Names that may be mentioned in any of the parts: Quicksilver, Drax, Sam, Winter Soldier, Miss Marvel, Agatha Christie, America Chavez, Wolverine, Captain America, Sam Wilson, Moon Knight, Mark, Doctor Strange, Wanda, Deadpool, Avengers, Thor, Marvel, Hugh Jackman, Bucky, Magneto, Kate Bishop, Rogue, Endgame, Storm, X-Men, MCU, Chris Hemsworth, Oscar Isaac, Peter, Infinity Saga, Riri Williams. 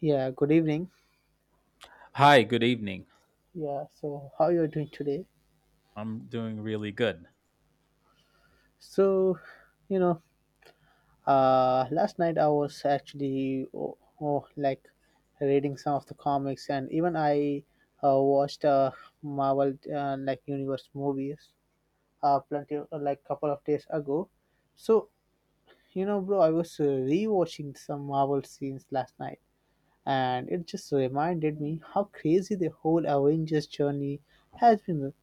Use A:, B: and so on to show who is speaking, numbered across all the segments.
A: Yeah, good evening.
B: Hi, good evening.
A: Yeah, so how you are doing today?
B: I'm doing really good.
A: So, you know, last night I was actually like reading some of the comics, and even I watched Marvel, like Universe movies plenty of, like couple of days ago. So, bro, I was rewatching some Marvel scenes last night, and it just reminded me how crazy the whole Avengers journey has been,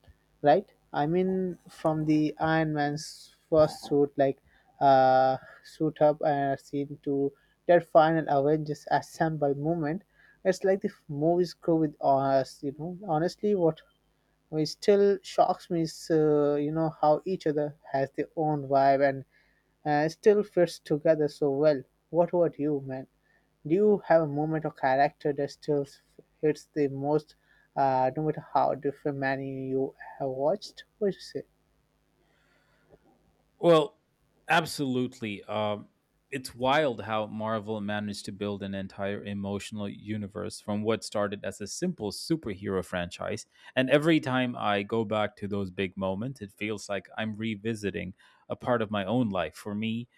A: right? I mean, from the Iron Man's first suit, like uh, suit up and scene to that final Avengers assemble moment, it's like the movies go with us. Honestly, what it still shocks me is, how each other has their own vibe and still fits together so well. What about you, man? Do you have a moment or character that still hits the most, no matter how different many you have watched? What do you say?
B: Well, absolutely. It's wild how Marvel managed to build an entire emotional universe from what started as a simple superhero franchise. And every time I go back to those big moments, it feels like I'm revisiting a part of my own life. For me,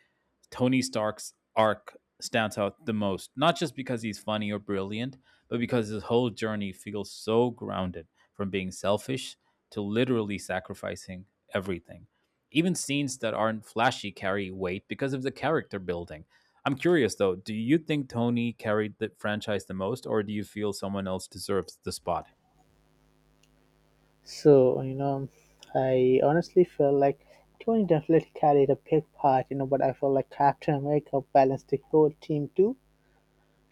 B: Tony Stark's arc stands out the most, not just because he's funny or brilliant, but because his whole journey feels so grounded from being selfish to literally sacrificing everything. Even scenes that aren't flashy carry weight because of the character building. I'm curious though, do you think Tony carried the franchise the most, or do you feel someone else deserves the spot?
A: So, I honestly feel like Tony definitely carried a big part, but I feel like Captain America balanced the whole team too.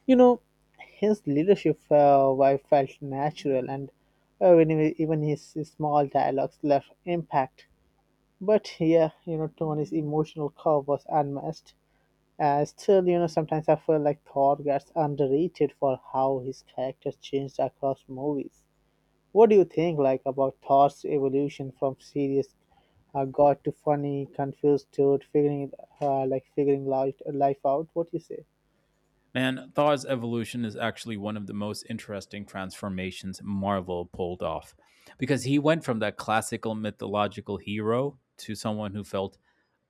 A: You know, his leadership, I felt natural and even his small dialogues left impact. But yeah, Tony's emotional curve was unmatched. Still, sometimes I feel like Thor gets underrated for how his character changed across movies. What do you think, like, about Thor's evolution from serious god to funny, confused dude, like figuring life out? What do you say?
B: Man, Thor's evolution is actually one of the most interesting transformations Marvel pulled off because he went from that classical mythological hero to someone who felt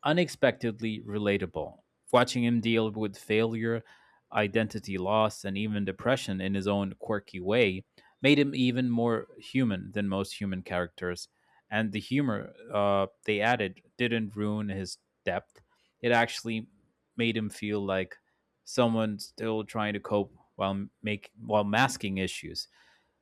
B: unexpectedly relatable. Watching him deal with failure, identity loss, and even depression in his own quirky way made him even more human than most human characters. And the humor they added didn't ruin his depth, it actually made him feel like someone still trying to cope while make while masking issues,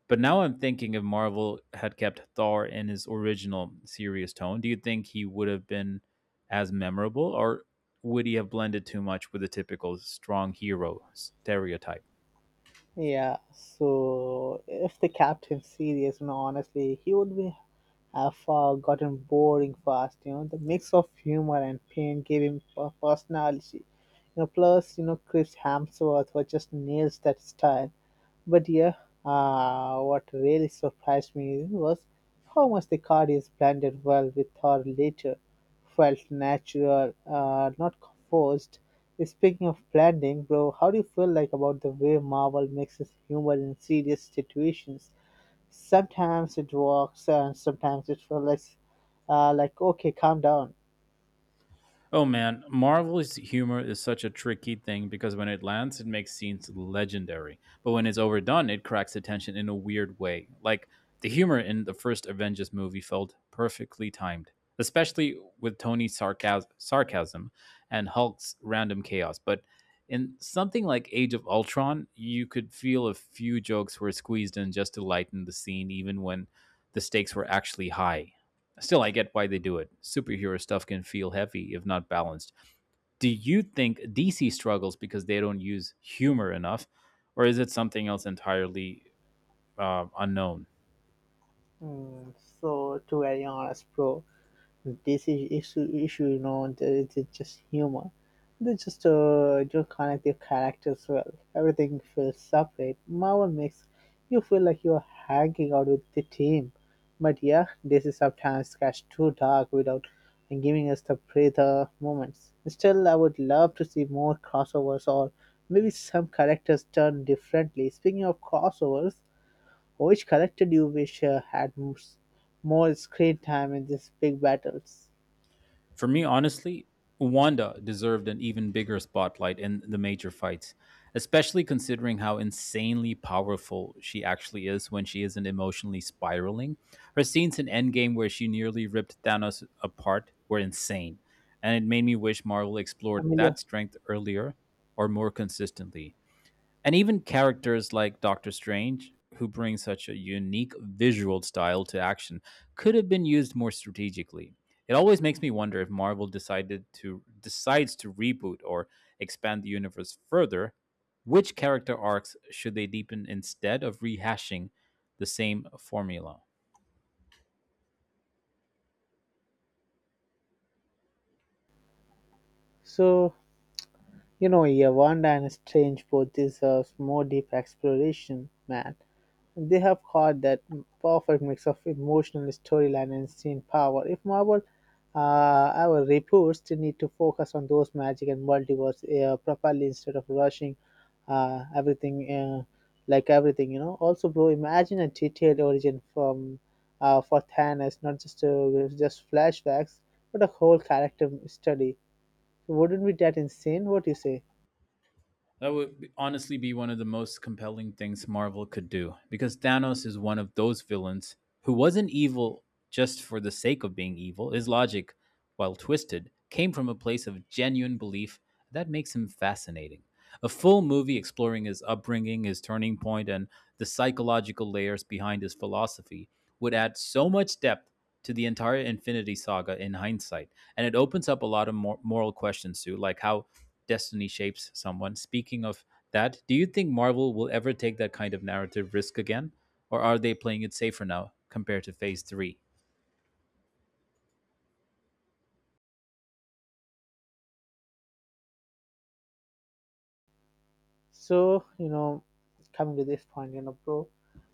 B: but now I'm thinking if Marvel had kept Thor in his original serious tone, do you think he would have been as memorable, or would he have blended too much with the typical strong hero stereotype?
A: Yeah, so if the captain serious, honestly, he would be have gotten boring fast. You know, the mix of humor and pain gave him personality. Plus Chris Hemsworth was just nails that style. But yeah, what really surprised me was how much the card is blended well with her later. Felt natural, not forced. Speaking of blending, bro, how do you feel like about the way Marvel mixes humor in serious situations? Sometimes it works, and sometimes it feels like okay, calm down.
B: Oh man, Marvel's humor is such a tricky thing because when it lands, it makes scenes legendary. But when it's overdone, it cracks the tension in a weird way. Like the humor in the first Avengers movie felt perfectly timed, especially with Tony's sarcasm and Hulk's random chaos. But in something like Age of Ultron, you could feel a few jokes were squeezed in just to lighten the scene, even when the stakes were actually high. Still, I get why they do it. Superhero stuff can feel heavy if not balanced. Do you think DC struggles because they don't use humor enough, or is it something else entirely, unknown?
A: Mm, so to be very honest, bro, this is issue, it's just humor. They just don't connect their characters well. Everything feels separate. Marvel makes you feel like you're hanging out with the team. But yeah, this is sometimes gets too dark without giving us the breather moments. Still, I would love to see more crossovers or maybe some characters done differently. Speaking of crossovers, which character do you wish had more screen time in these big battles?
B: For me, honestly, Wanda deserved an even bigger spotlight in the major fights, especially considering how insanely powerful she actually is when she isn't emotionally spiraling. Her scenes in Endgame, where she nearly ripped Thanos apart, were insane, and it made me wish Marvel explored
A: Emilio.
B: that strength earlier or more consistently. And even characters like Doctor Strange, who brings such a unique visual style to action, could have been used more strategically. It always makes me wonder if Marvel decided to decides to reboot or expand the universe further, which character arcs should they deepen instead of rehashing the same formula?
A: So, yeah, wonder and Strange both deserves more deep exploration, man. They have caught that perfect mix of emotional storyline and scene power. If Marvel our reports they need to focus on those magic and multiverse properly instead of rushing uh, everything uh, everything. Also, bro, imagine a detailed origin from for Thanos, not just just flashbacks, but a whole character study. So, wouldn't be that insane? What do you say?
B: That would honestly be one of the most compelling things Marvel could do because Thanos is one of those villains who wasn't evil just for the sake of being evil. His logic, while twisted, came from a place of genuine belief that makes him fascinating. A full movie exploring his upbringing, his turning point, and the psychological layers behind his philosophy would add so much depth to the entire Infinity Saga in hindsight. And it opens up a lot of moral questions too, like how destiny shapes someone. Speaking of that, do you think Marvel will ever take that kind of narrative risk again? Or are they playing it safer now compared to phase three?
A: So, coming to this point, bro,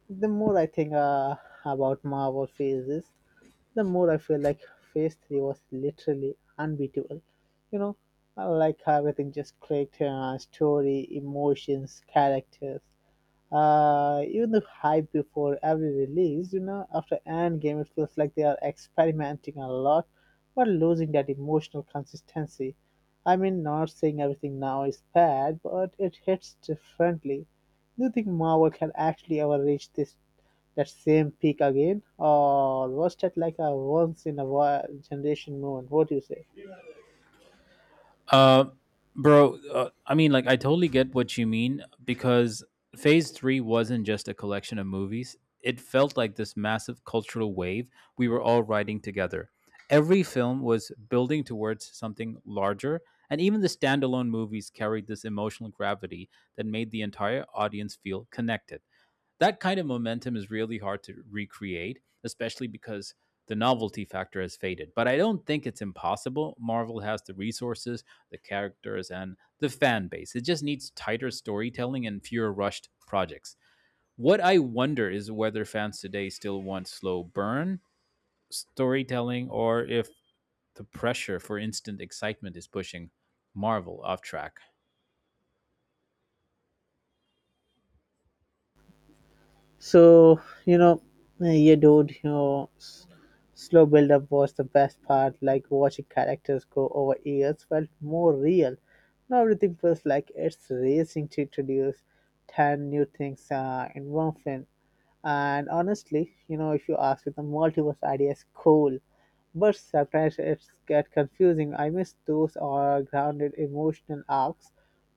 A: the more I think about Marvel phases, the more I feel like phase three was literally unbeatable. You know, I like how everything just clicked, story, emotions, characters. Even the hype before every release, after Endgame, it feels like they are experimenting a lot, but losing that emotional consistency. I mean, not saying everything now is bad, but it hits differently. Do you think Marvel can actually ever reach this that same peak again, or was that like a once in a while generation moment? What do you say?
B: Uh, bro, I totally get what you mean because Phase 3 wasn't just a collection of movies. It felt like this massive cultural wave we were all riding together. Every film was building towards something larger, and even the standalone movies carried this emotional gravity that made the entire audience feel connected. That kind of momentum is really hard to recreate, especially because the novelty factor has faded. But I don't think it's impossible. Marvel has the resources, the characters, and the fan base. It just needs tighter storytelling and fewer rushed projects. What I wonder is whether fans today still want slow burn storytelling, or if the pressure for instant excitement is pushing Marvel off track.
A: So, yeah, dude, slow build up was the best part. Like watching characters grow over years felt more real. Now everything feels like it's racing to introduce 10 new things in one film. And honestly, if you ask me, the multiverse idea is cool, but sometimes it's get confusing. I miss those or grounded emotional arcs.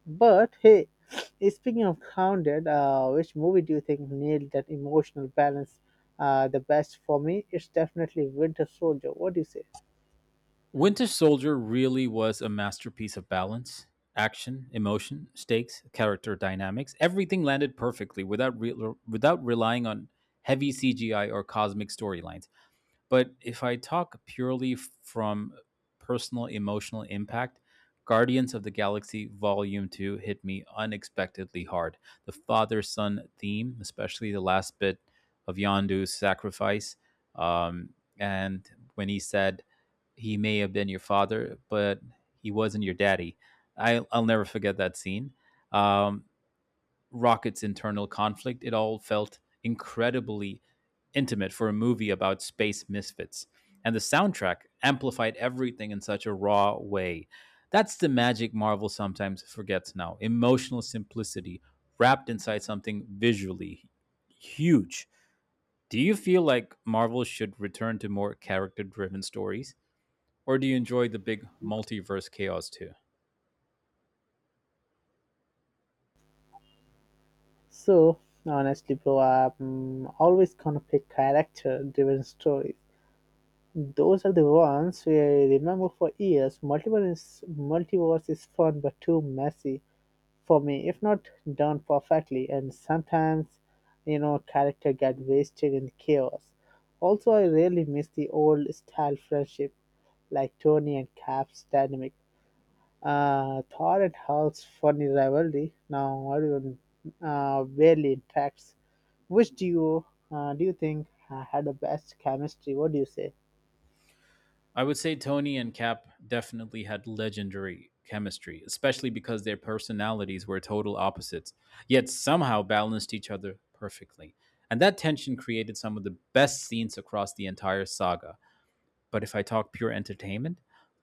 A: But hey, speaking of grounded, which movie do you think nailed that emotional balance the best for me? It's definitely Winter Soldier. What do you say?
B: Winter Soldier really was a masterpiece of balance, action, emotion, stakes, character dynamics. Everything landed perfectly without without relying on heavy CGI or cosmic storylines. But if I talk purely from personal emotional impact, Guardians of the Galaxy Volume 2 hit me unexpectedly hard. The father son theme, especially the last bit of Yondu's sacrifice, um, and when he said, "He may have been your father, but he wasn't your daddy." I'll never forget that scene. Um, Rocket's internal conflict. It all felt incredibly intimate for a movie about space misfits. And the soundtrack amplified everything in such a raw way. That's the magic Marvel sometimes forgets now, emotional simplicity wrapped inside something visually huge. Do you feel like Marvel should return to more character driven stories? Or do you enjoy the big multiverse chaos too?
A: So honestly, bro, I'm always gonna pick character-driven stories. Those are the ones we remember for years. Multiverse is fun but too messy for me, if not done perfectly. And sometimes, character get wasted in chaos. Also, I really miss the old style friendship, like Tony and Cap's dynamic. Thor and Hulk's funny rivalry now everyone barely interacts. Which do you think had the best chemistry? What do you say?
B: I would say Tony and Cap definitely had legendary chemistry, especially because their personalities were total opposites, yet somehow balanced each other perfectly. And that tension created some of the best scenes across the entire saga. But if I talk pure entertainment,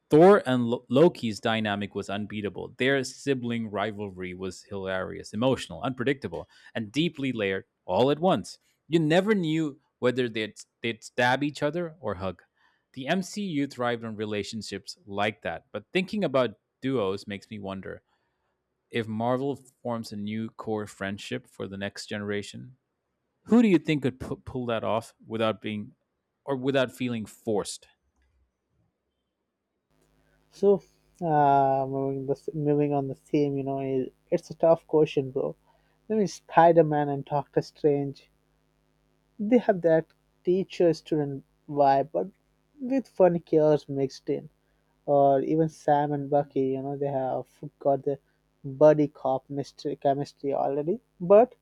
B: Thor and Loki's dynamic was unbeatable. Their sibling rivalry was hilarious, emotional, unpredictable, and deeply layered all at once. You never knew whether they'd stab each other or hug. The MCU thrived on relationships like that, but thinking about duos makes me wonder if Marvel forms a new core friendship for the next generation. Who do you think could pull that off without being or without feeling forced?
A: So, moving on the theme, it's a tough question, bro. I mean, Spider-Man and Doctor Strange, they have that teacher-student vibe, but with funny chaos mixed in. Or even Sam and Bucky, they have got the buddy cop mystery chemistry already. But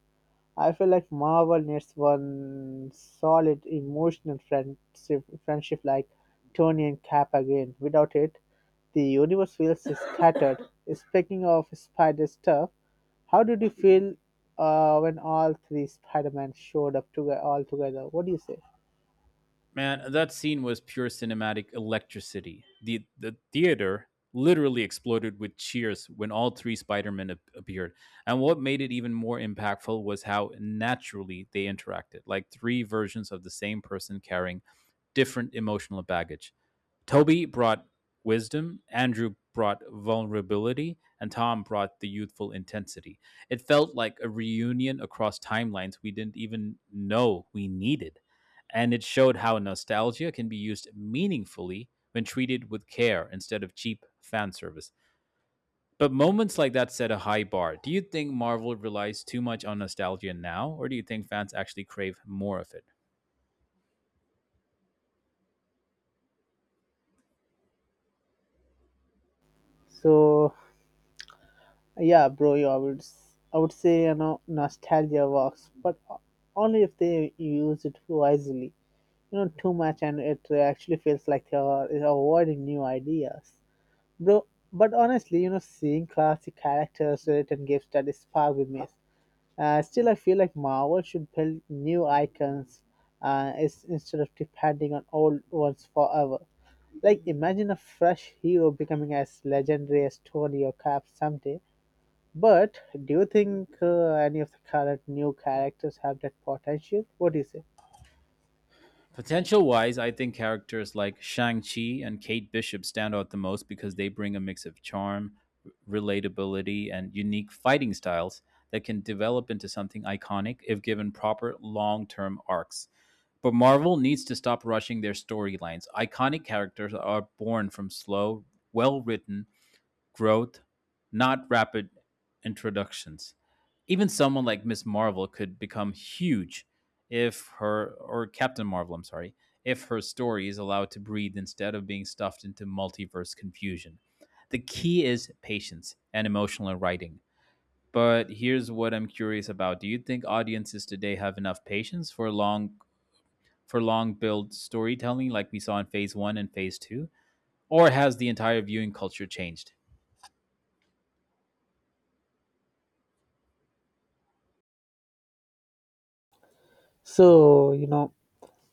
A: I feel like Marvel needs one solid emotional friendship like Tony and Cap again. Without it, the universe feels scattered. Speaking of spider stuff, how did you feel when all three Spider-Man showed up together all together? What do you say?
B: Man, that scene was pure cinematic electricity. The theater literally exploded with cheers when all three Spider-Men appeared. And what made it even more impactful was how naturally they interacted, like three versions of the same person carrying different emotional baggage. Toby brought wisdom, Andrew brought vulnerability, and Tom brought the youthful intensity. It felt like a reunion across timelines we didn't even know we needed. And it showed how nostalgia can be used meaningfully when treated with care instead of cheap fan service. But moments like that set a high bar. Do you think Marvel relies too much on nostalgia now, or do you think fans actually crave more of it?
A: So yeah, bro, yeah, I would say nostalgia works, but only if they use it wisely. Too much and it actually feels like they are avoiding new ideas, bro. But honestly, seeing classic characters written gives that spark with me. Still, I feel like Marvel should build new icons instead of depending on old ones forever. Like, imagine a fresh hero becoming as legendary as Tony or Cap someday. But do you think any of the current new characters have that potential? What do you say?
B: Potential wise, I think characters like Shang-Chi and Kate Bishop stand out the most because they bring a mix of charm, relatability, and unique fighting styles that can develop into something iconic if given proper long term arcs. But Marvel needs to stop rushing their storylines. Iconic characters are born from slow, well written growth, not rapid introductions. Even someone like Miss Marvel could become huge if her, or Captain Marvel, I'm sorry, if her story is allowed to breathe instead of being stuffed into multiverse confusion. The key is patience and emotional writing. But here's what I'm curious about. Do you think audiences today have enough patience for long build storytelling like we saw in phase 1 and phase 2, or has the entire viewing culture changed?
A: So,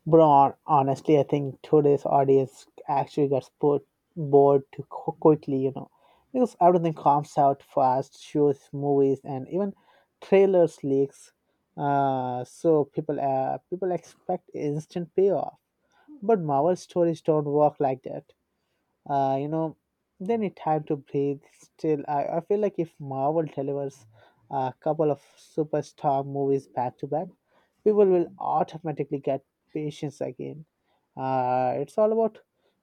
A: bro, honestly, I think today's audience actually gets put bored too quickly, because everything comes out fast, shows, movies, and even trailers leaks. So people expect instant payoff, but Marvel stories don't work like that. uh, you know then need time to breathe. Still, I feel like if Marvel delivers a couple of superstar movies back to back, people will automatically get patience again. It's all about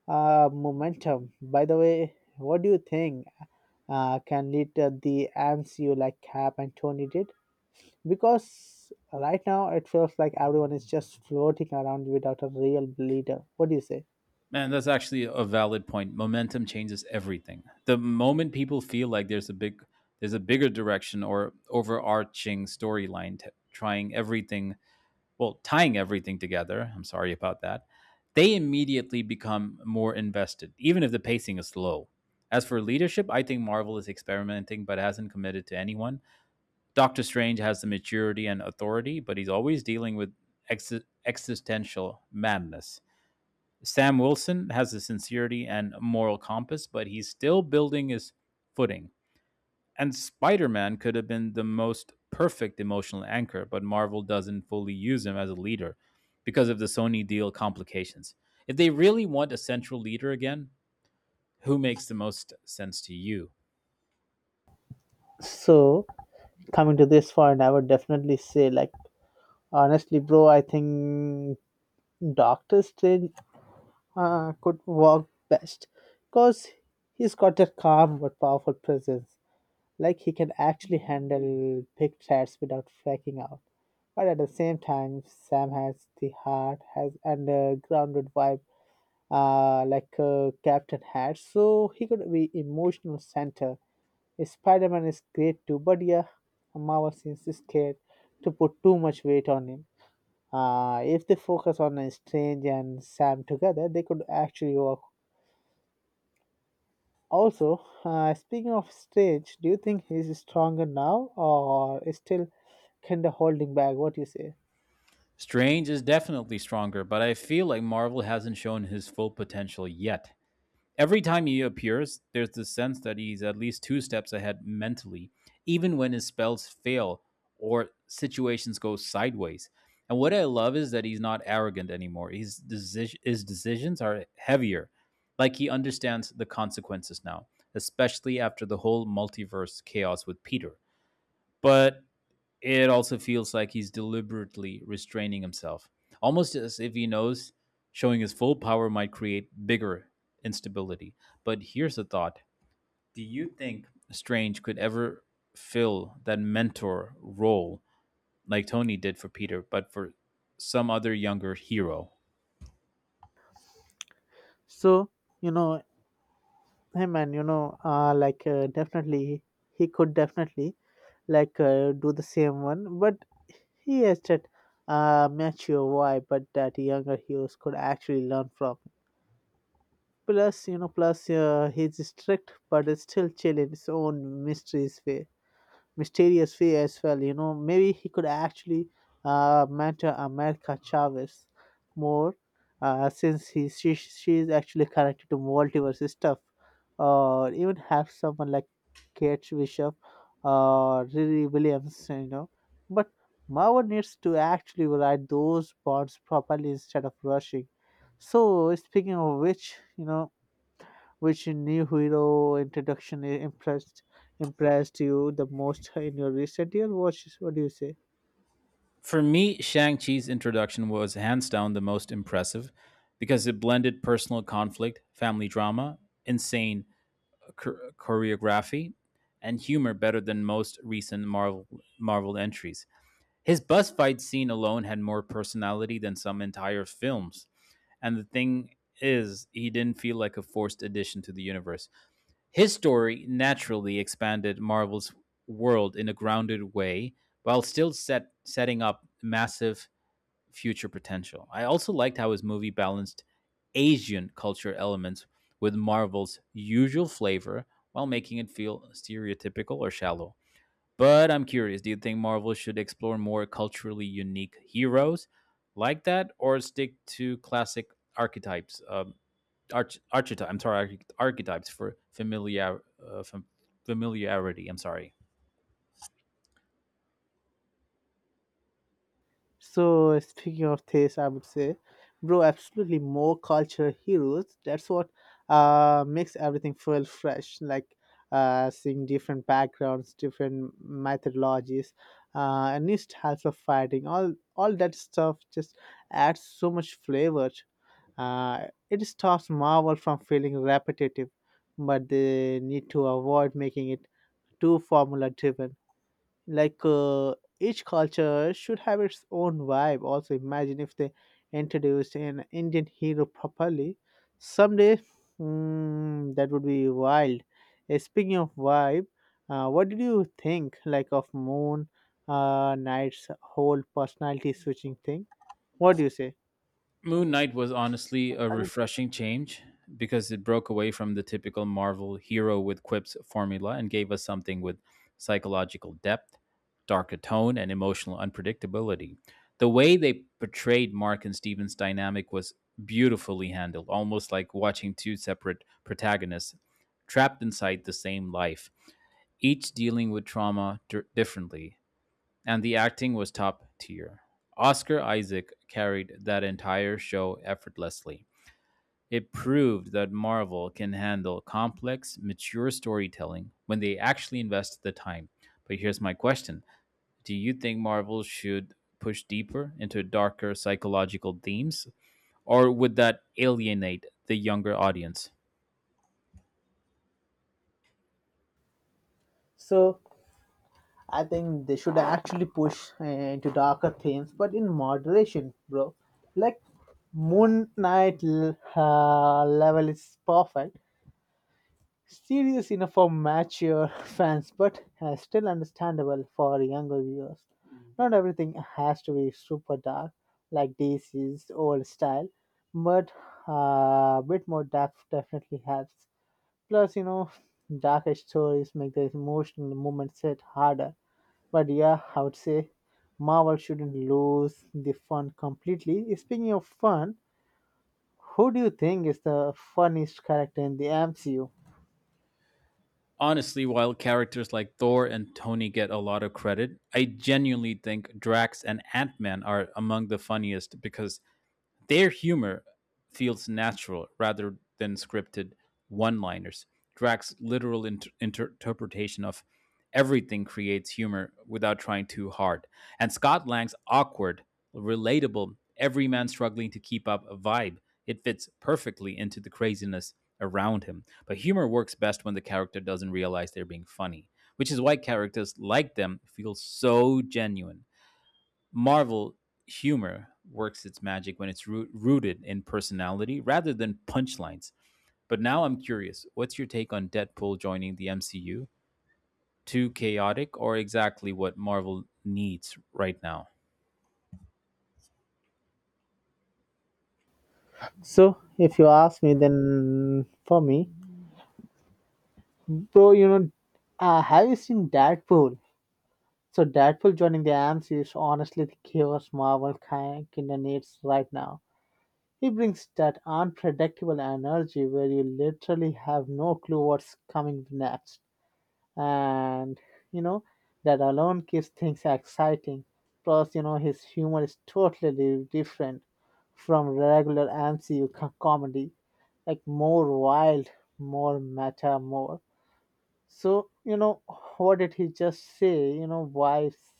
A: momentum. By the way, what do you think can lead to the MCU like Cap and Tony did? Because right now it feels like everyone is just floating around without a real leader. What do you say?
B: Man, that's actually a valid point. Momentum changes everything. The moment people feel like there's a big There's a bigger direction or overarching storyline tying everything together, I'm sorry about that. They immediately become more invested, even if the pacing is slow. As for leadership, I think Marvel is experimenting but hasn't committed to anyone. Doctor Strange has the maturity and authority, but he's always dealing with existential madness. Sam Wilson has a sincerity and moral compass, but he's still building his footing. And Spider Man could have been the most perfect emotional anchor, but Marvel doesn't fully use him as a leader because of the Sony deal complications. If they really want a central leader again, who makes the most sense to you?
A: So coming to this point, I would definitely say, like, honestly, bro, I think Doctor Strange could work best because he's got that calm but powerful presence. Like, he can actually handle big threats without freaking out. But at the same time, Sam has the heart, has undergrounded vibe, like Captain had, so he could be emotional center. Spider Man is great too, but yeah, Marvel seems scared to put too much weight on him. If they focus on Strange and Sam together, they could actually work. Also, speaking of Strange, do you think he's stronger now or is still kind of holding back? What do you say?
B: Strange is definitely stronger, but I feel like Marvel hasn't shown his full potential yet. Every time he appears, there's this sense that he's at least two steps ahead mentally, even when his spells fail or situations go sideways. And what I love is that he's not arrogant anymore. His decisions are heavier. Like he understands the consequences now, especially after the whole multiverse chaos with Peter. But it also feels like he's deliberately restraining himself, almost as if he knows showing his full power might create bigger instability. But here's a thought. Do you think Strange could ever fill that mentor role like Tony did for Peter, but for some other younger hero?
A: So, you know, him and you know, like definitely, he could definitely do the same one, but he has that mature vibe, but that younger heroes could actually learn from. Plus, he's strict, but is still chill in his own mysterious way as well. Maybe he could actually mentor America Chavez more, since he she is actually connected to multiverse stuff, or even have someone like Kate Bishop or Riri Williams. But Marvel needs to actually write those bonds properly instead of rushing. So speaking of which, you know, which new hero introduction impressed you the most in your recent year? What do you say?
B: For me, Shang-Chi's introduction was hands down the most impressive because it blended personal conflict, family drama, insane choreography and humor better than most recent Marvel entries. His bus fight scene alone had more personality than some entire films. And the thing is, he didn't feel like a forced addition to the universe. His story naturally expanded Marvel's world in a grounded way while still setting up massive future potential. I also liked how his movie balanced Asian culture elements with Marvel's usual flavor while making it feel stereotypical or shallow. But I'm curious, do you think Marvel should explore more culturally unique heroes like that or stick to classic archetypes? I'm sorry, archetypes for familiarity. I'm sorry.
A: So speaking of this, I would say, bro, absolutely more cultural heroes. That's what makes everything feel fresh. Like seeing different backgrounds, different methodologies, and new styles of fighting, all that stuff just adds so much flavor. Uh it stops Marvel from feeling repetitive, but they need to avoid making it too formula driven, like each culture should have its own vibe. Also, imagine if they introduced an Indian hero properly someday. That would be wild. Eh, speaking of vibe, what did you think like of Moon Knight's whole personality switching thing? What do you say?
B: Moon Knight was honestly a refreshing change because it broke away from the typical Marvel hero with quips formula and gave us something with psychological depth, darker tone, and emotional unpredictability. The way they portrayed Mark and Steven's dynamic was beautifully handled, almost like watching two separate protagonists trapped inside the same life, each dealing with differently. And the acting was top tier. Oscar Isaac carried that entire show effortlessly. It proved that Marvel can handle complex, mature storytelling when they actually invest the time. But here's my question. Do you think Marvel should push deeper into darker psychological themes, or would that alienate the younger audience?
A: So I think they should actually push into darker themes, but in moderation, bro. Like Moon Knight level is perfect, serious enough for mature fans, but still understandable for younger viewers. Not everything has to be super dark, like DC's old style, but a bit more depth definitely helps. Plus, darker stories make the emotional moments hit harder, but yeah, I would say Marvel shouldn't lose the fun completely. Speaking of fun, who do you think is the funniest character in the MCU?
B: Honestly, while characters like Thor and Tony get a lot of credit, I genuinely think Drax and Ant Man are among the funniest because their humor feels natural rather than scripted one liners. Drax's literal interpretation of everything creates humor without trying too hard. And Scott Lang's awkward, relatable, every man struggling to keep up a vibe. It fits perfectly into the craziness around him. But humor works best when the character doesn't realize they're being funny, which is why characters like them feel so genuine. Marvel humor works its magic when rooted in personality rather than punchlines. But now I'm curious, what's your take on Deadpool joining the MCU? Too chaotic or exactly what Marvel needs right now?
A: So, if you ask me, then for me, bro, have you seen Deadpool? So, Deadpool joining the MCU is honestly the chaos Marvel kind of needs right now. He brings that unpredictable energy where you literally have no clue what's coming next. And you know that alone keeps things exciting. Plus his humor is totally different from regular MCU comedy, like more wild, more meta, more. So what did he just say, you know, wives.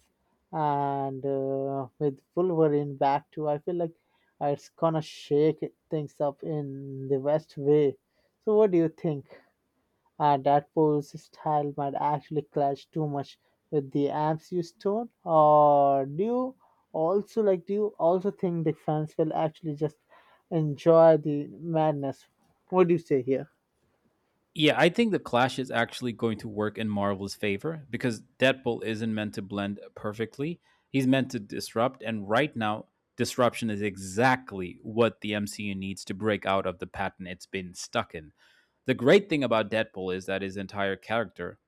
A: And with Wolverine back to I feel like it's gonna shake things up in the best way. So what do you think? That pose style might actually clash too much with the amps you stone. Or do you also like? Do you also think the fans will actually just enjoy the madness? What do you say here?
B: Yeah, I think the clash is actually going to work in Marvel's favor because Deadpool isn't meant to blend perfectly. He's meant to disrupt, and right now, disruption is exactly what the MCU needs to break out of the pattern it's been stuck in. The great thing about Deadpool is that his entire character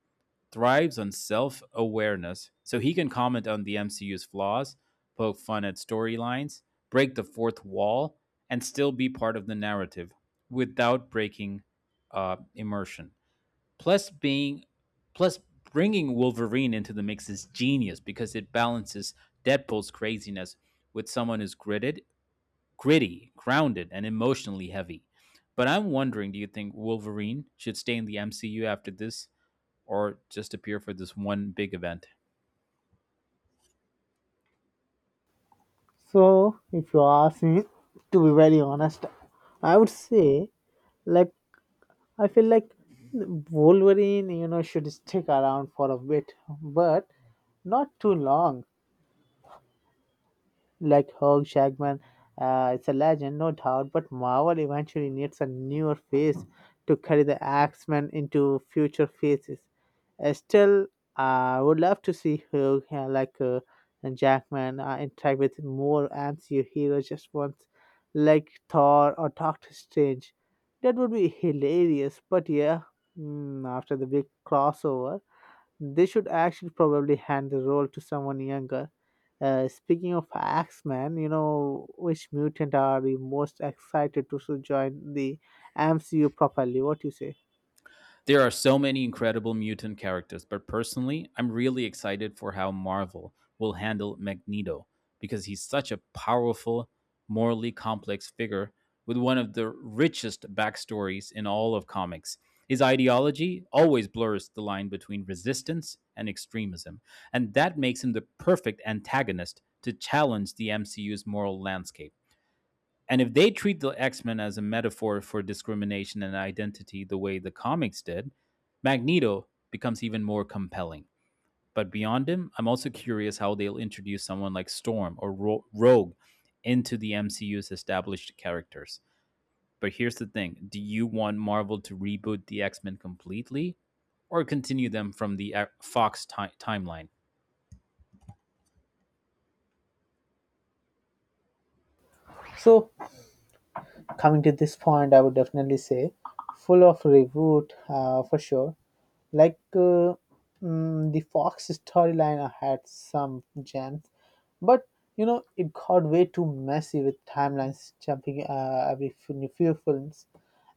B: thrives on self awareness, so he can comment on the MCU's flaws, poke fun at storylines, break the fourth wall, and still be part of the narrative without breaking immersion. Plus, being plus, bringing Wolverine into the mix is genius because it balances Deadpool's craziness with someone who's gritted gritty, grounded, and emotionally heavy. But I'm wondering, do you think Wolverine should stay in the MCU after this or just appear for this one big event?
A: So, if you ask me, to be very honest, I would say, like, I feel like Wolverine, you know, should stick around for a bit, but not too long, like Hugh Jackman. It's a legend, no doubt, but Marvel eventually needs a newer face to carry the X-Men into future phases. Still, I would love to see Hugh like and Jackman interact with more MCU heroes just once, like Thor or Doctor Strange. That would be hilarious. But yeah, after the big crossover, they should actually probably hand the role to someone younger. Speaking of Axeman, you know, which mutant are the most excited to so join the MCU properly? What do you say?
B: There are so many incredible mutant characters, but personally, I'm really excited for how Marvel will handle Magneto because he's such a powerful, morally complex figure with one of the richest backstories in all of comics. His ideology always blurs the line between resistance and extremism, and that makes him the perfect antagonist to challenge the MCU's moral landscape. And if they treat the X Men as a metaphor for discrimination and identity the way the comics did, Magneto becomes even more compelling. But beyond him, I'm also curious how they'll introduce someone like Storm or Rogue into the MCU's established characters. But here's the thing. Do you want Marvel to reboot the X Men completely or continue them from the timeline?
A: So coming to this point, I would definitely say full of reboot for sure. Like, the Fox storyline had some gems, but you know it got way too messy with timelines jumping every few films.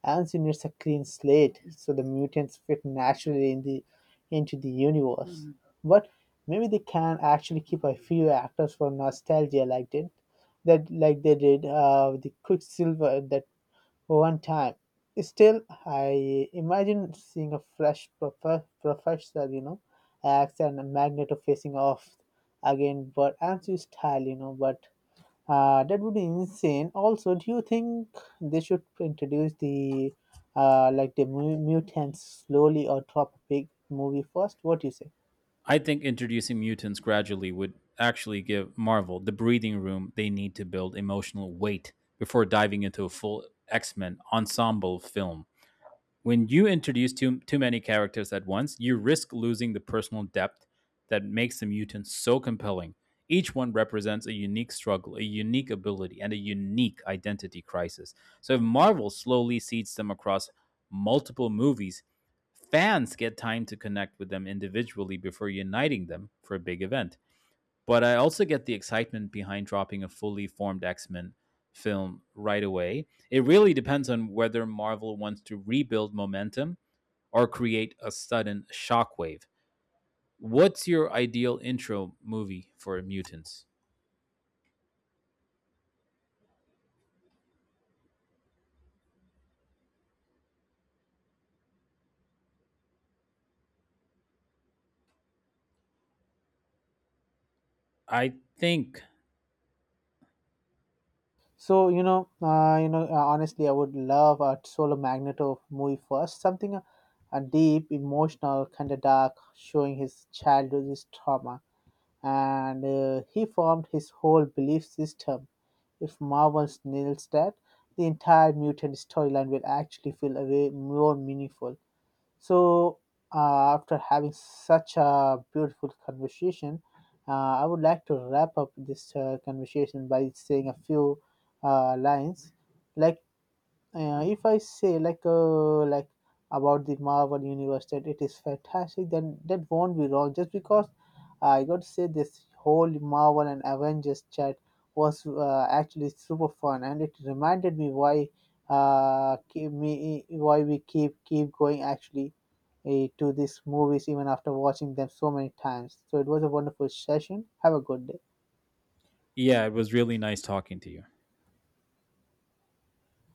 A: Anson needs a clean slate, so the mutants fit naturally in the into the universe. Mhm. But maybe they can actually keep a few actors for nostalgia, like did that, like they did with the Quicksilver that one time. Still, I imagine seeing a fresh professor, you know, axe and a magneto facing off again, but I'm too style, you know, but that would be insane. Also, do you think they should introduce the like the mutants slowly or drop a big movie first? What do you say?
B: I think introducing mutants gradually would actually give Marvel the breathing room they need to build emotional weight before diving into a full X Men ensemble film. When you introduce too many characters at once, you risk losing the personal depth that makes the mutants so compelling. Each one represents a unique struggle, a unique ability, and a unique identity crisis. So if Marvel slowly seeds them across multiple movies, fans get time to connect with them individually before uniting them for a big event. But I also get the excitement behind dropping a fully formed X Men film right away. It really depends on whether Marvel wants to rebuild momentum or create a sudden shockwave. What's your ideal intro movie for Mutants? I think,
A: Honestly, I would love a solo magneto movie first. Something a deep, emotional, kind of dark, showing his childhood, his trauma, and he formed his whole belief system. If Marvel nails that, the entire mutant storyline will actually feel a way more meaningful. So, after having such a beautiful conversation, uh, I would like to wrap up this conversation by saying a few lines. Like, if I say like about the Marvel universe that it is fantastic, then that won't be wrong. Just because I got to say this whole Marvel and Avengers chat was actually super fun, and it reminded me why keep me why we keep going actually to these movies even after watching them so many times. So it was a wonderful session. Have a good day.
B: yeah, it was really nice talking to you.